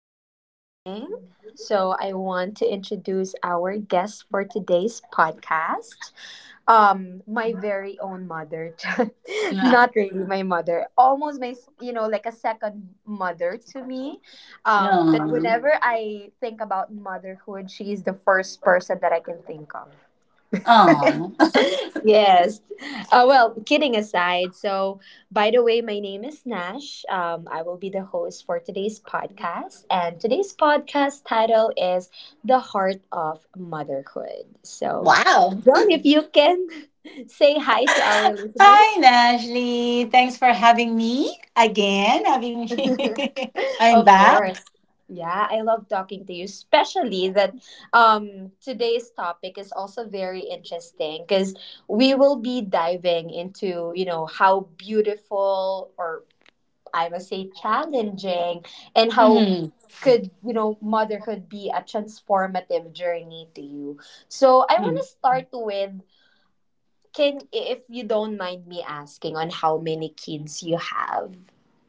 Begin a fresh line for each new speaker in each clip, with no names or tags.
good morning. So I want to introduce our guest for today's podcast. My very own mother.
Yeah.
Not really my mother. Almost my you know, like a second mother to me. That
Yeah.
whenever I think about motherhood, she is the first person that I can think of.
Oh.
Yes. Well, kidding aside, so by the way, my name is Nash. I will be the host for today's podcast, and today's podcast title is The Heart of Motherhood. So,
Wow.
John, if you can say hi to our listeners.
Hi, Nashley. Thanks for having me again. Having me. I'm
Of
back.
course. Yeah, I love talking to you, especially that today's topic is also very interesting because we will be diving into, you know, how beautiful or I must say challenging and how
Mm-hmm.
could, you know, motherhood be a transformative journey to you. So I want
Mm-hmm.
to start with can, if you don't mind me asking, on how many kids you have.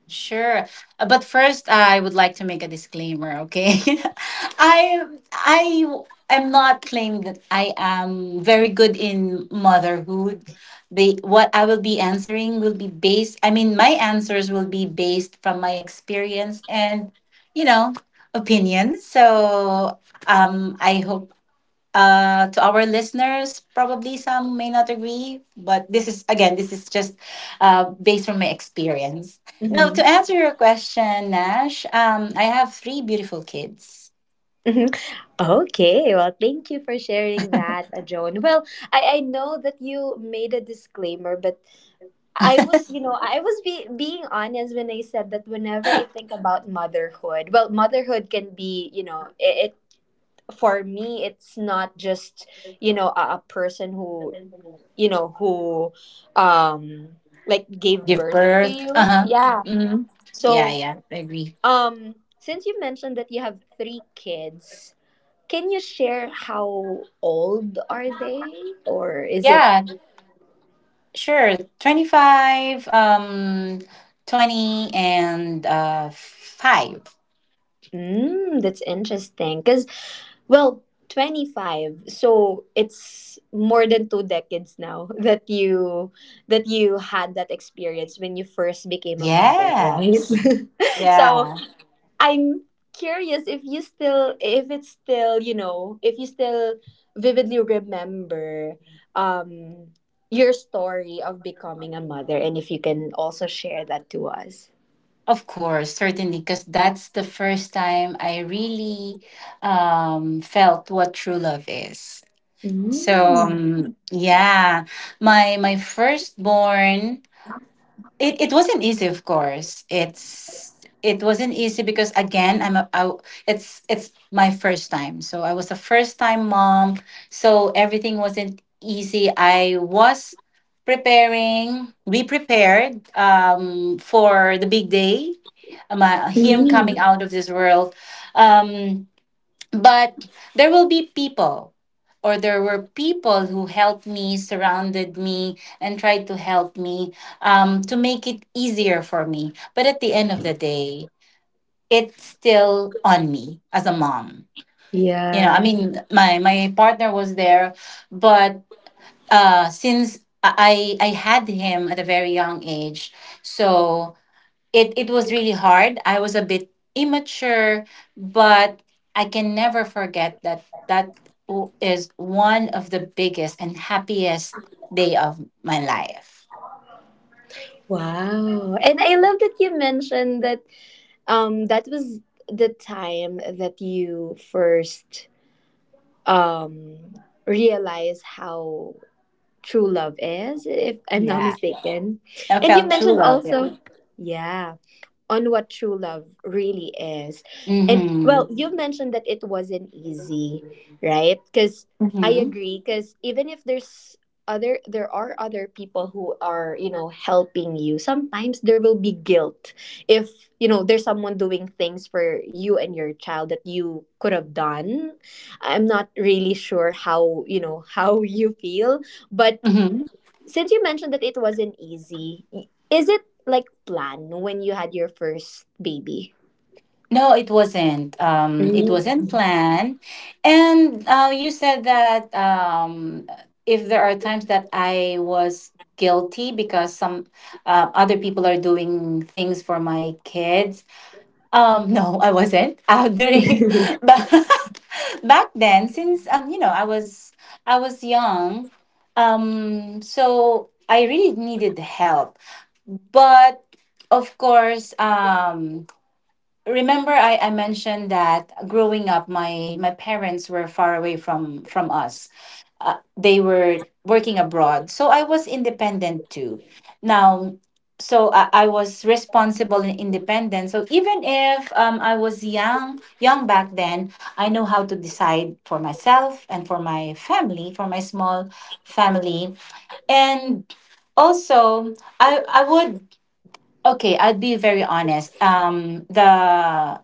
Sure. But first, I would like to make a disclaimer, okay? I I am not claiming that I am very good in motherhood. The what I will be answering will be based, I mean, my answers will be based from my experience and, you know, opinions. So, I hope to our listeners, probably some may not agree, but this is again, this is just based on my experience. Now, to answer your question, Nash, I have three beautiful kids.
Mhm. Okay, well, thank you for sharing that, Joan. Well, I know that you made a disclaimer, but I was, you know, I was being honest when I said that whenever I think about motherhood, well, motherhood can be, you know, it for me, it's not just, you know, a person who, you know, who, um, like gave
Give
birth to
birth. Uh
you.
huh.
Yeah.
Hmm. Yeah,
So,
yeah, I agree.
um, since you mentioned that you have three kids, can you share how old are they? Or is it,
Yeah, sure. 25, 20, and 5.
mm, that's interesting. Because, well, 25. So it's more than two decades now that you had that experience when you first became a mother, right?
Yes.
So
Yeah.
I'm curious if you still if it's still, you know, if you still vividly remember um your story of becoming a mother, and if you can also share that to us.
Of course, certainly, because that's the first time I really felt what true love is. So
Mm.
yeah, my firstborn, it wasn't easy. Of course, it wasn't easy because again, it's my first time. So I was a first time mom. So everything wasn't easy. I was preparing. We prepared for the big day, him coming
Mm.
out of this world. Um, but there will be people, or there were people who helped me, surrounded me, and tried to help me to make it easier for me. But at the end of the day, it's still on me as a mom. You know, I
Yeah.
mean, my partner was there, but since I had him at a very young age, so it was really hard. I was a bit immature, but I can never forget that is one of the biggest and happiest day of my life.
Wow. And I love that you mentioned that that was the time that you first um realized how True Love is, if I'm not
Yeah,
mistaken.
I
And you
felt true
mentioned
love. Yeah.
also, yeah, on what true love really is. And
Mm-hmm.
well, you mentioned that it wasn't easy, right? Because I
Mm-hmm.
agree, because even if there are other people who are, you know, helping you, sometimes there will be guilt if, you know, there's someone doing things for you and your child that you could have done. I'm not really sure how, you know, how you feel, but since you mentioned that it wasn't easy, is it like planned when you had your first baby?
No, it wasn't. It wasn't
Mm.
planned. And you said that if there are times that I was guilty because some other people are doing things for my kids. No, I wasn't. During but back then, since you know, I was young, so I really needed help. But of course, remember I mentioned that growing up my parents were far away from us. They were working abroad, so I was independent too now. So I was responsible and independent, so even if I was young young back then, I know how to decide for myself and for my family, for my small family. And also I would, okay, I'd be very honest, the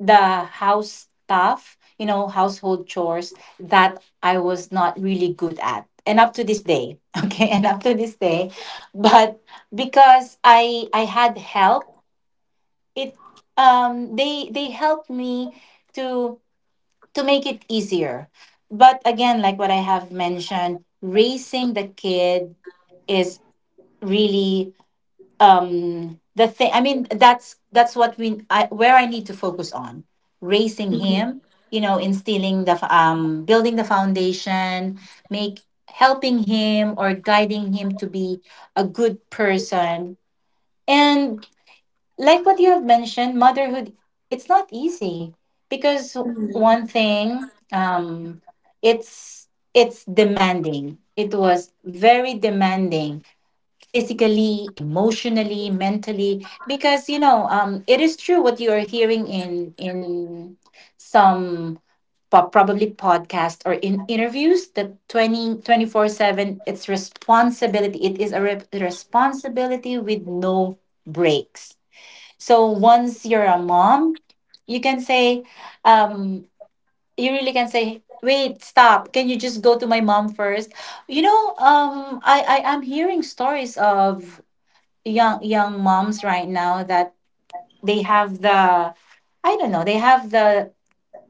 the house stuff, you know, household chores that I was not really good at. And up to this day, okay, and up to this day, but because I had help, it they helped me to make it easier. But again, like what I have mentioned, raising the kid is really the thing, I mean, that's what where I need to focus on, raising him, you know, instilling building the foundation, make helping him or guiding him to be a good person. And like what you have mentioned, motherhood, it's not easy because one thing, it's it's demanding, it was very demanding physically, emotionally, mentally, because you know, it is true what you are hearing in some probably podcast or in interviews that twenty twenty 7, it's responsibility, it is a responsibility with no breaks. So once you're a mom, you can say, um you really can say, wait, stop, can you just go to my mom first? You know, I am hearing stories of young young moms right now that they have the, I don't know, they have the,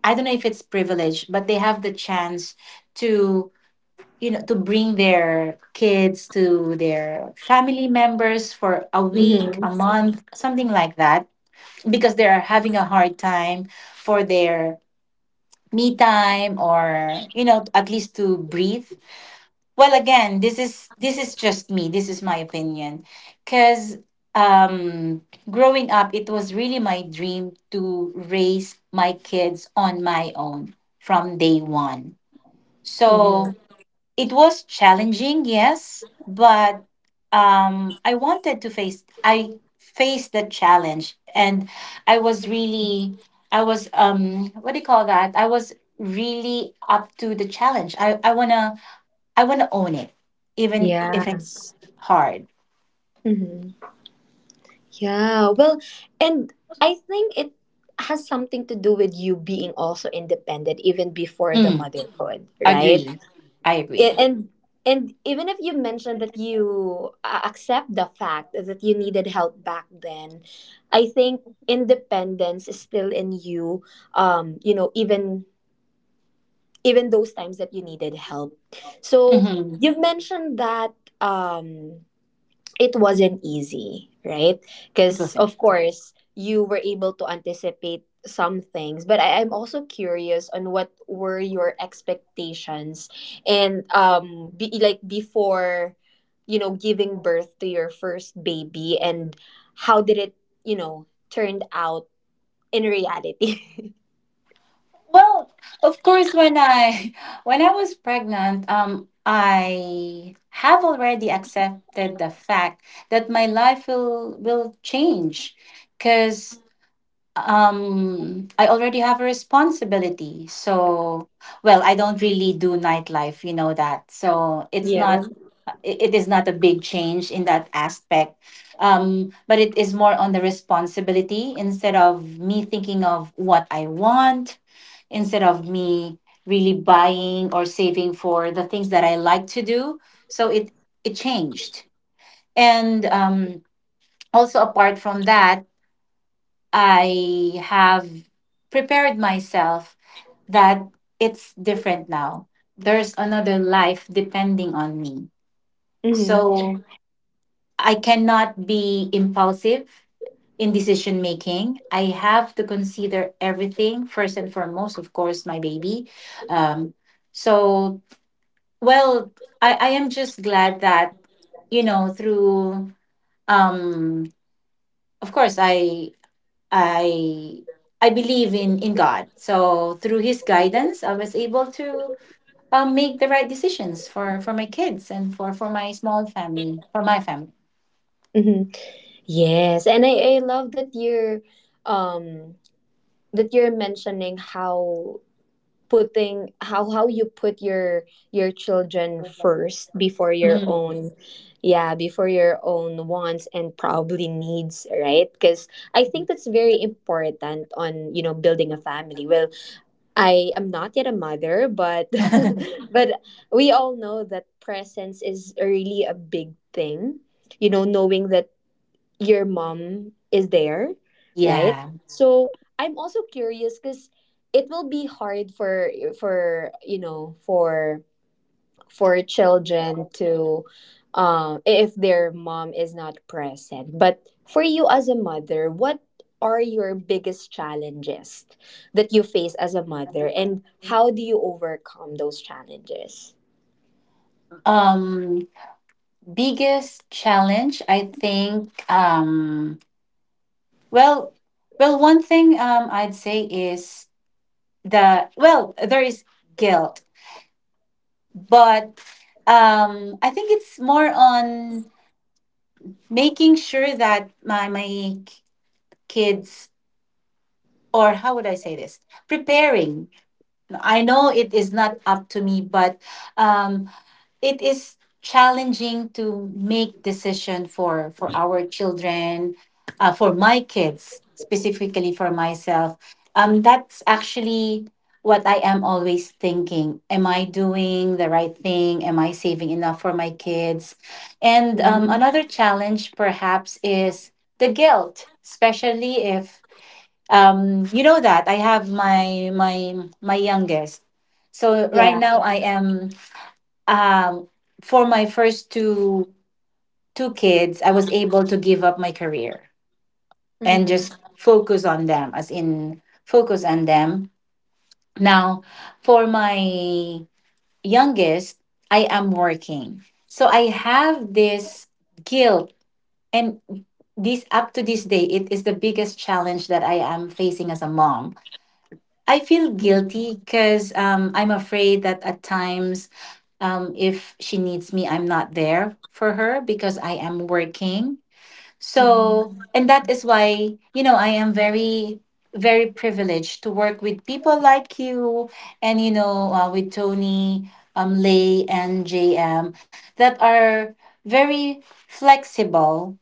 I don't know if it's privilege, but they have the chance to, you know, to bring their kids to their family members for a week,
Mm-hmm.
a month, something like that because they're having a hard time for their me time, or you know, at least to breathe. Well, again, this is just me. This is my opinion, because um, growing up, it was really my dream to raise my kids on my own from day one. So
Hmm.
it was challenging, yes, but I wanted to face. I faced the challenge, and I was really, I was what do you call that? I was really up to the challenge. I wanna, I want to own it, even if
Yeah.
it's hard.
Hmm. Yeah. Well, and I think it has something to do with you being also independent even before the
Mm,
motherhood, right?
agree. I
Yeah,
agree.
and even if you mentioned that you accept the fact that you needed help back then, I think independence is still in you. You know, even even those times that you needed help. So
Hmm.
you've mentioned that. Um, it wasn't easy, right?
It
Because,
wasn't.
of course, you were able to anticipate some things, but I'm also curious on what were your expectations and like before, you know, giving birth to your first baby, and how did it, you know, turned out in reality.
Well, of course, when I when I was pregnant, I have already accepted the fact that my life will change, because I already have a responsibility. So, well, I don't really do nightlife, you know that. So it's
Yeah.
not it is not a big change in that aspect, but it is more on the responsibility, instead of me thinking of what I want, instead of me really buying or saving for the things that I like to do. So it changed, and also apart from that, I have prepared myself that it's different now, there's another life depending on me.
Mm-hmm.
So I cannot be impulsive in decision making. I have to consider everything first and foremost, of course, my baby. Um, so, well, I am just glad that, you know, through um, of course I I believe in God. So through His guidance, I was able to make the right decisions for my kids and for my small family, for my family.
Mm-hmm. Yes, and I love um that you're mentioning how putting how you put your children first before your
Mm.
own, yeah, before your own wants and probably needs, right? Because I think that's very important on, you know, building a family. Well, I am not yet a mother, but but we all know that presence is really a big thing, you know, knowing that your mom is there, right?
Yeah.
So I'm also curious because it will be hard for for you know for for children to if their mom is not present. But for you as a mother, what are your biggest challenges that you face as a mother, and how do you overcome those challenges?
Um, biggest challenge, I think. Well, one thing, I'd say is the, well, there is guilt, but I think it's more on making sure that my kids, or how would I say this? Preparing. I know it is not up to me, but um, it is challenging to make decision for our children, for my kids specifically, for myself. That's actually what I am always thinking, am I doing the right thing? Am I saving enough for my kids? And
Mhm.
another challenge perhaps is the guilt, especially if you know, that I have my youngest. So right
Yeah.
now I am um, for my first two kids, I was able to give up my career and just focus on them, as in focus on them. Now, for my youngest, I am working, so I have this guilt, and this up to this day, it is the biggest challenge that I am facing as a mom. I feel guilty because I'm afraid that at times, if she needs me, I'm not there for her because I am working.
Mm-hmm.
So, and that is why, you know, I am very, very privileged to work with people like you and, you know, with Tony, Lay, and JM, that are very flexible.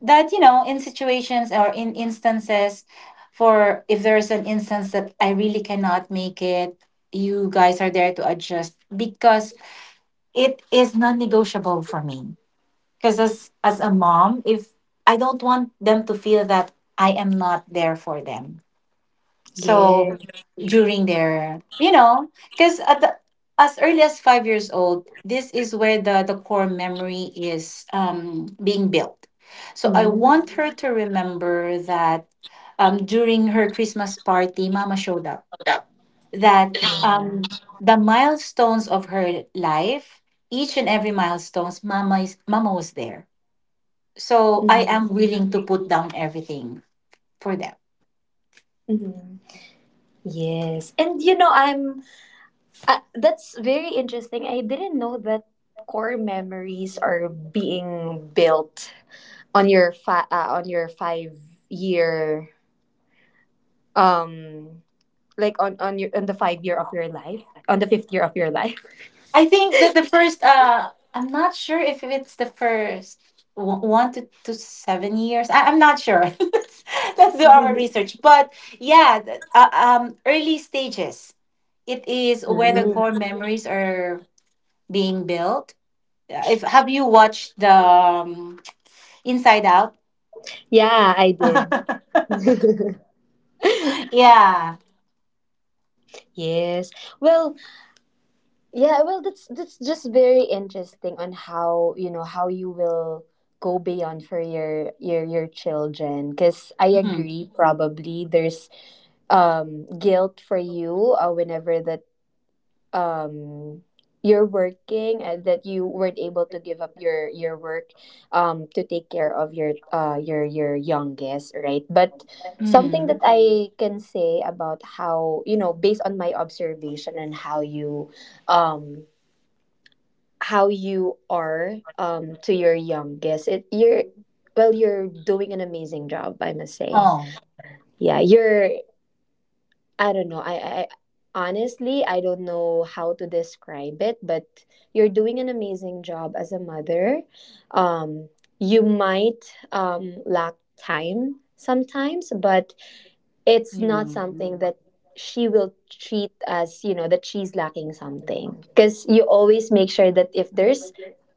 That, you know, in situations or in instances, for if there's an instance that I really cannot make it, you guys are there to adjust, because it is non-negotiable for me, because as a mom, if I don't want them to feel that I am not there for them.
Yeah.
So during their, you know, because at the, as early as 5 years old, this is where the core memory is being built. So I want her to remember that, during her Christmas party, mama showed up. That um
Mm-hmm.
the milestones of her life, each and every milestones, mama was there. So I am willing to put down everything for them.
Mhm. Yes. And you know, I'm that's very interesting. I didn't know that core memories are being built on your on your 5 year um like on your on the 5 year of your life, on the 5th year of your life.
I think that the first I'm not sure if it's the first one to 7 years. I'm not sure. let's, let's do our research. But yeah, early stages. It is where the
Mm.
core memories are being built. If have you watched the Inside Out.
Yeah, I did.
Yeah.
Yes. Well, yeah, well, that's just very interesting on how, you know, how you will go beyond for your children. Because I
Hmm.
agree, probably there's guilt for you whenever that um you're working and that you weren't able to give up your work to take care of your youngest, right? But something
Mm.
that I can say about how, you know, based on my observation and um how you are to your youngest, it you're well, you're doing an amazing job, I must say.
Oh.
Yeah, you're, I don't know, I honestly, I don't know how to describe it, but you're doing an amazing job as a mother. um you might lack time sometimes, but it's
Yeah.
not
Mm-hmm.
something that she will treat as, you know, that she's lacking something, because you always make sure that if there's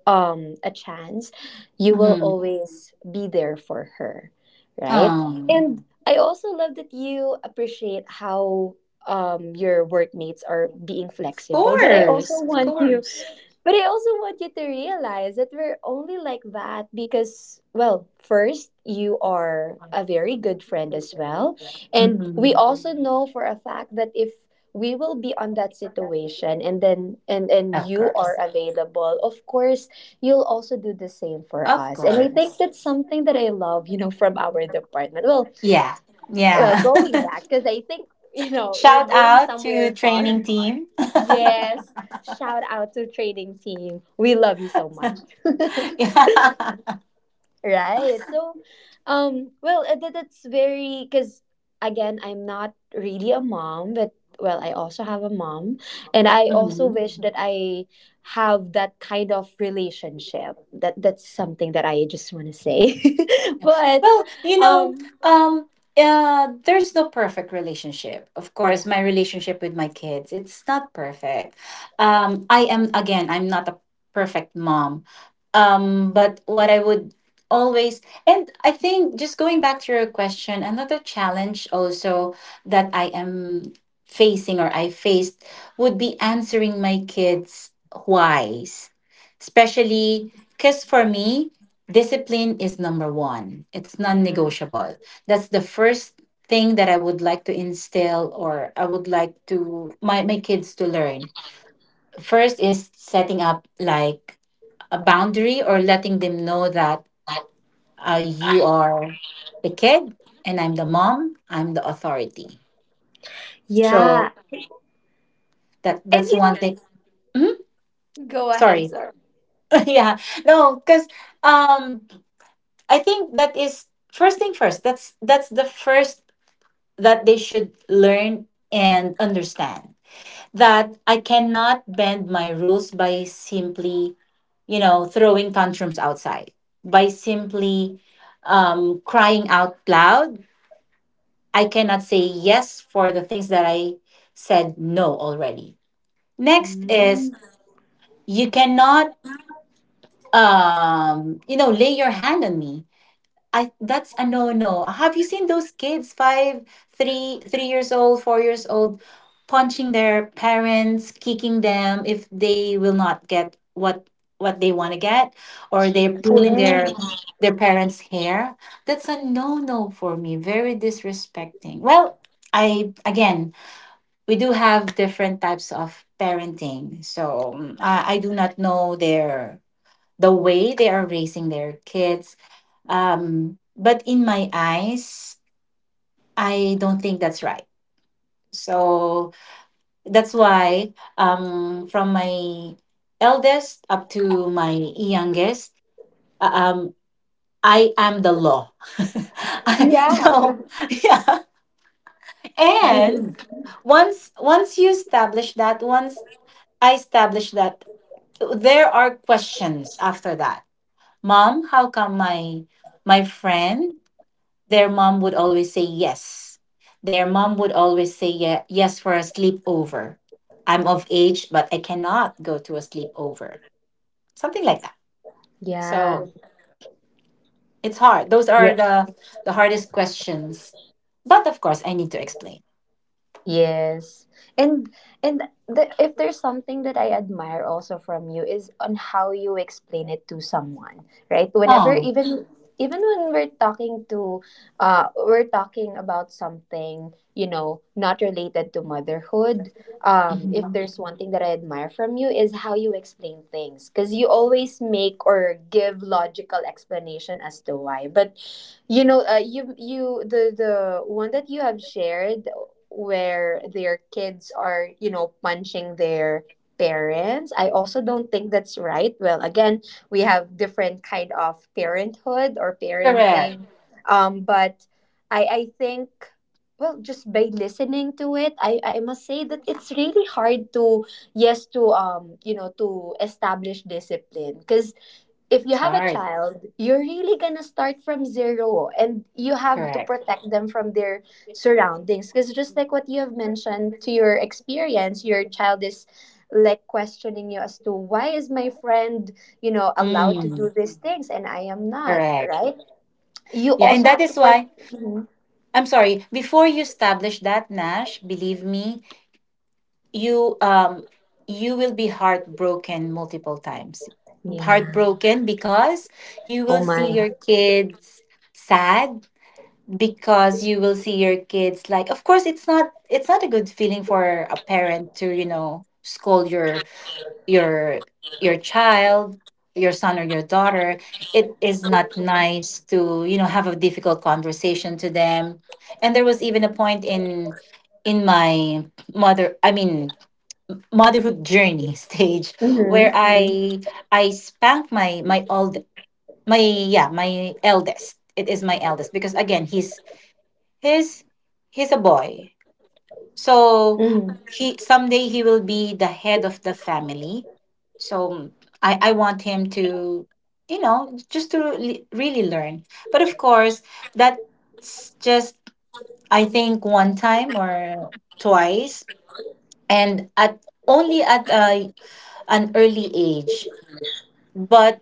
a chance, you will always be there for her, right?
Um.
And I also love that you appreciate how your workmates are being
Of
flexible, but I also
course. Of
want you
course.
but I also want you to realize that we're only like that because, well, first, you are a very good friend as well. And we
Mhm.
also know for a fact that if we will be on that situation, and then and
Of
you are
course.
available, of course, you'll also do the same for
Of
us. And I think
course.
that's something that I love, you know, from our department. Well,
Yeah.
well,
Yeah.
going back, because I think, you know, we're
Shout
going
out to
somewhere far.
training team.
Yes. Shout out to training team. We love you so much.
Yeah.
Right. So, that, that's very, because again, I'm not really a mom, but well, I also have a mom, and I also wish that I have that kind of relationship. That that's something that I just want to say. But,
Well, you know,
um,
um, there's no perfect relationship. Of course,
yeah,
my relationship with my kids, it's not perfect. I am, again, I'm not a perfect mom. But what I would always, and I think just going back to your question, another challenge also that I am facing, or I faced, would be answering my kids' whys, especially because for me, discipline is number one, it's non
yeah,
negotiable. That's the first thing that I would like to instill, or I would like to my, my kids to learn. First is setting up like a boundary, or letting them know that you are the kid and I'm the mom, I'm the authority.
yeah.
So
And
that's
you know,
one thing.
just
Mhm.
go ahead.
Sorry.
Sorry.
Yeah. No, because um I think that is first thing first. That's the first that they should learn and understand that I cannot bend my rules by simply, throwing tantrums outside, by simply crying out loud. I cannot say yes for the things that I said no already. Next
Mm,
is you cannot, lay your hand on me. I That's a no no. Have you seen those kids five, 3 years old, 4 years old, punching their parents, kicking them if they will not get what they want to get, or they're pulling
yeah.
their parents' hair? That's a no no for me. Very disrespecting. Well, I again, we do have different types of parenting, so I do not know the way they are raising their kids but in my eyes, I don't think that's right. So that's why, from my eldest up to my youngest, uh, um, I am the law.
Yeah.
So yeah, and once you establish that, once I establish that, there are questions after that. Mom, how come my friend? Their mom would always say yes. Their mom would always say yes for a sleepover. I'm of age, but I cannot go to a sleepover. Something like that.
Yeah.
So it's hard. Those
Yeah.
are the hardest questions. But of course, I need to explain.
Yes. And if there's something that I admire also from you is on how you explain it to someone, right? Whenever
Oh,
even even when we're talking to we're talking about something, you know, not related to motherhood, if
mhm.
there's one thing that I admire from you is how you explain things, because you always make or give logical explanation as to why. But you know you the one that you have shared where their kids are, you know, punching their parents, I also don't think that's right. Well, again, we have different kind of parenthood or
Correct.
parenting. But I think, well, just by listening to it, I must say that it's really hard to yes to you know, to establish discipline, because if you
It's
have a
hard.
child, you're really gonna start from zero, and you have to
Correct.
protect them from their surroundings, because just like what you have mentioned to your experience, your child is like questioning you as to why is my friend, you know, allowed to do
Mm,
these things and I am not,
correct.
right? You
Yeah, and
also
that
have to
is
protect.
why
Mhm.
I'm sorry. Before you establish that, Nash, believe me, you um you will be heartbroken multiple times,
Yeah.
heartbroken because you
Oh
will see
my.
your kids sad, because you will see your kids, like, of course it's not a good feeling for a parent to, you know, scold your your child, your son or your daughter. It is not nice to, you know, have a difficult conversation to them. And there was even a point in my mother i mean motherhood journey stage where.
Mm-hmm.
Mm. I spanked my eldest. It is my eldest because again he's he's a boy. So
Mm-hmm.
he someday he will be the head of the family. So I want him to, you know, just to really learn. But of course that's just, I think, one time or twice and at only at a an early age. But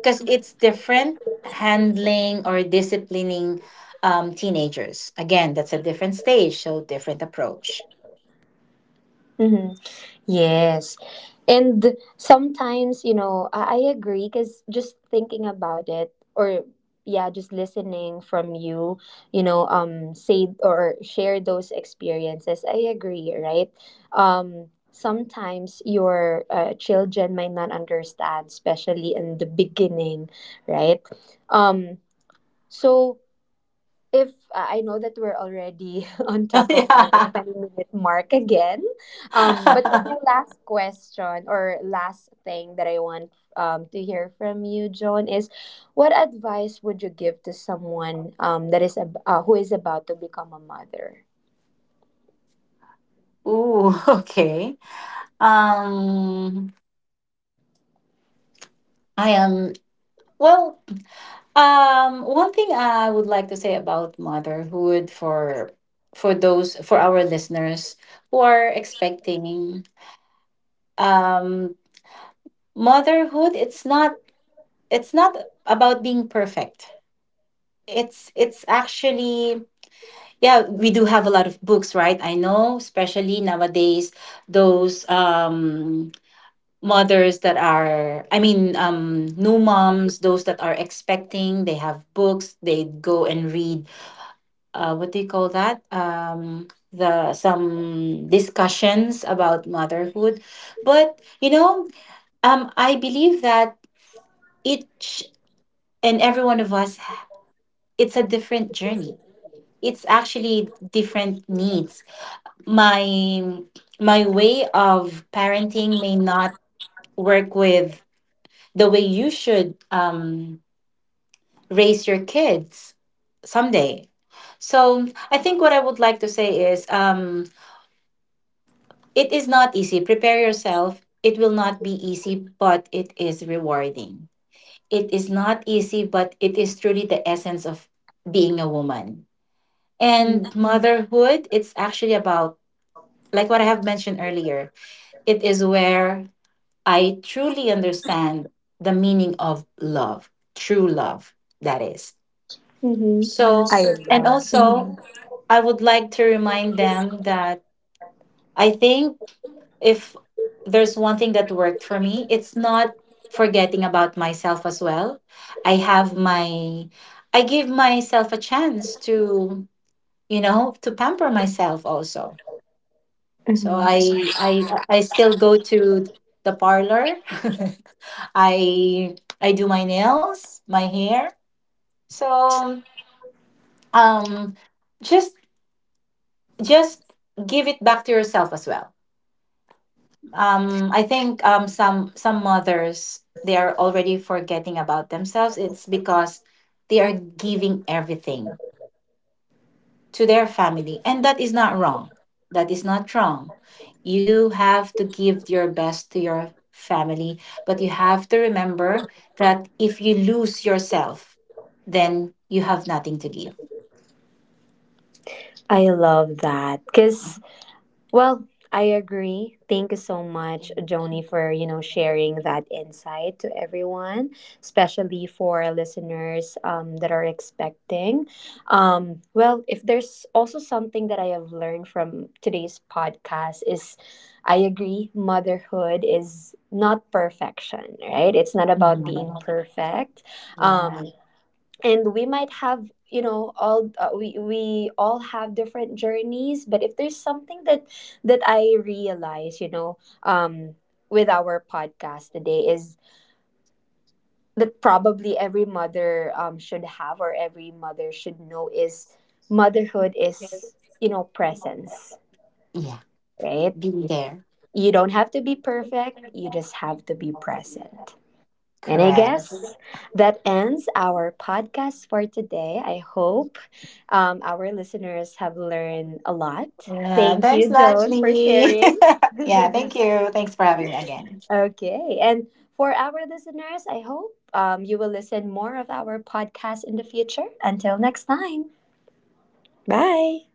because it's different handling or disciplining teenagers. Again, that's a different stage, so different approach.
Yes. And sometimes, you know, I agree, because just thinking about it or yeah, just listening from you, you know, say or share those experiences, I agree, right? Sometimes your children might not understand, especially in the beginning, right? Um so if I know that we're already on top of our
Yeah.
20-minute mark again. But for my last question or last thing that I want to hear from you, Joan, is what advice would you give to someone that is who is about to become a mother?
Ooh, okay. Um, I am well. One thing I would like to say about motherhood for those for our listeners who are expecting um motherhood. It's not about being perfect. It's it's actually, yeah, we do have a lot of books, right? I know, especially nowadays, those mothers that are, new moms, those that are expecting, they have books, they go and read. What do you call that, the some discussions about motherhood? But I believe that each and every one of us, it's a different journey, it's actually different needs. My my way of parenting may not work with the way you should raise your kids someday. So I think what I would like to say is, it is not easy. Prepare yourself. It will not be easy, but it is rewarding. It is not easy, but it is truly the essence of being a woman.
Mm-hmm.
And motherhood, it's actually about, like what I have mentioned earlier, it is where I truly understand the meaning of love, true love, that is. So,
I
and
love.
also,
Mhm.
I would like to remind them that I think if there's one thing that worked for me, it's not forgetting about myself as well. I have my, I give myself a chance to, you know, to pamper myself also. So
Mhm.
I still go to the parlor. I I do my nails, my hair. So um just just give it back to yourself as well. I think some mothers, they are already forgetting about themselves. It's because they are giving everything to their family. And that is not wrong. That is not wrong. You do have to give your best to your family, but you have to remember that if you lose yourself, then you have nothing to give.
I love that because, well, I agree. Thank you so much, Joni, for, you know, sharing that insight to everyone, especially for our listeners that are expecting. Well, if there's also something that I have learned from today's podcast is, I agree, motherhood is not perfection, right? It's not about being
Mhm.
perfect.
Yeah.
Um, and we might have, you know, all we all have different journeys. But if there's something that that I realize you know, with our podcast today is that probably every mother should have, or every mother should know, is motherhood is, you know, presence,
Yeah.
right?
Be there.
You don't have to be perfect, you just have to be present. And I
Correct.
guess that ends our podcast for today. I hope our listeners have learned a lot.
Yeah.
Thank
Thanks,
you, Joan, for
Lashley.
sharing.
Yeah. Thank you. Thanks for having me again.
Okay. And for our listeners, I hope you will listen more of our podcast in the future. Until next time. Bye.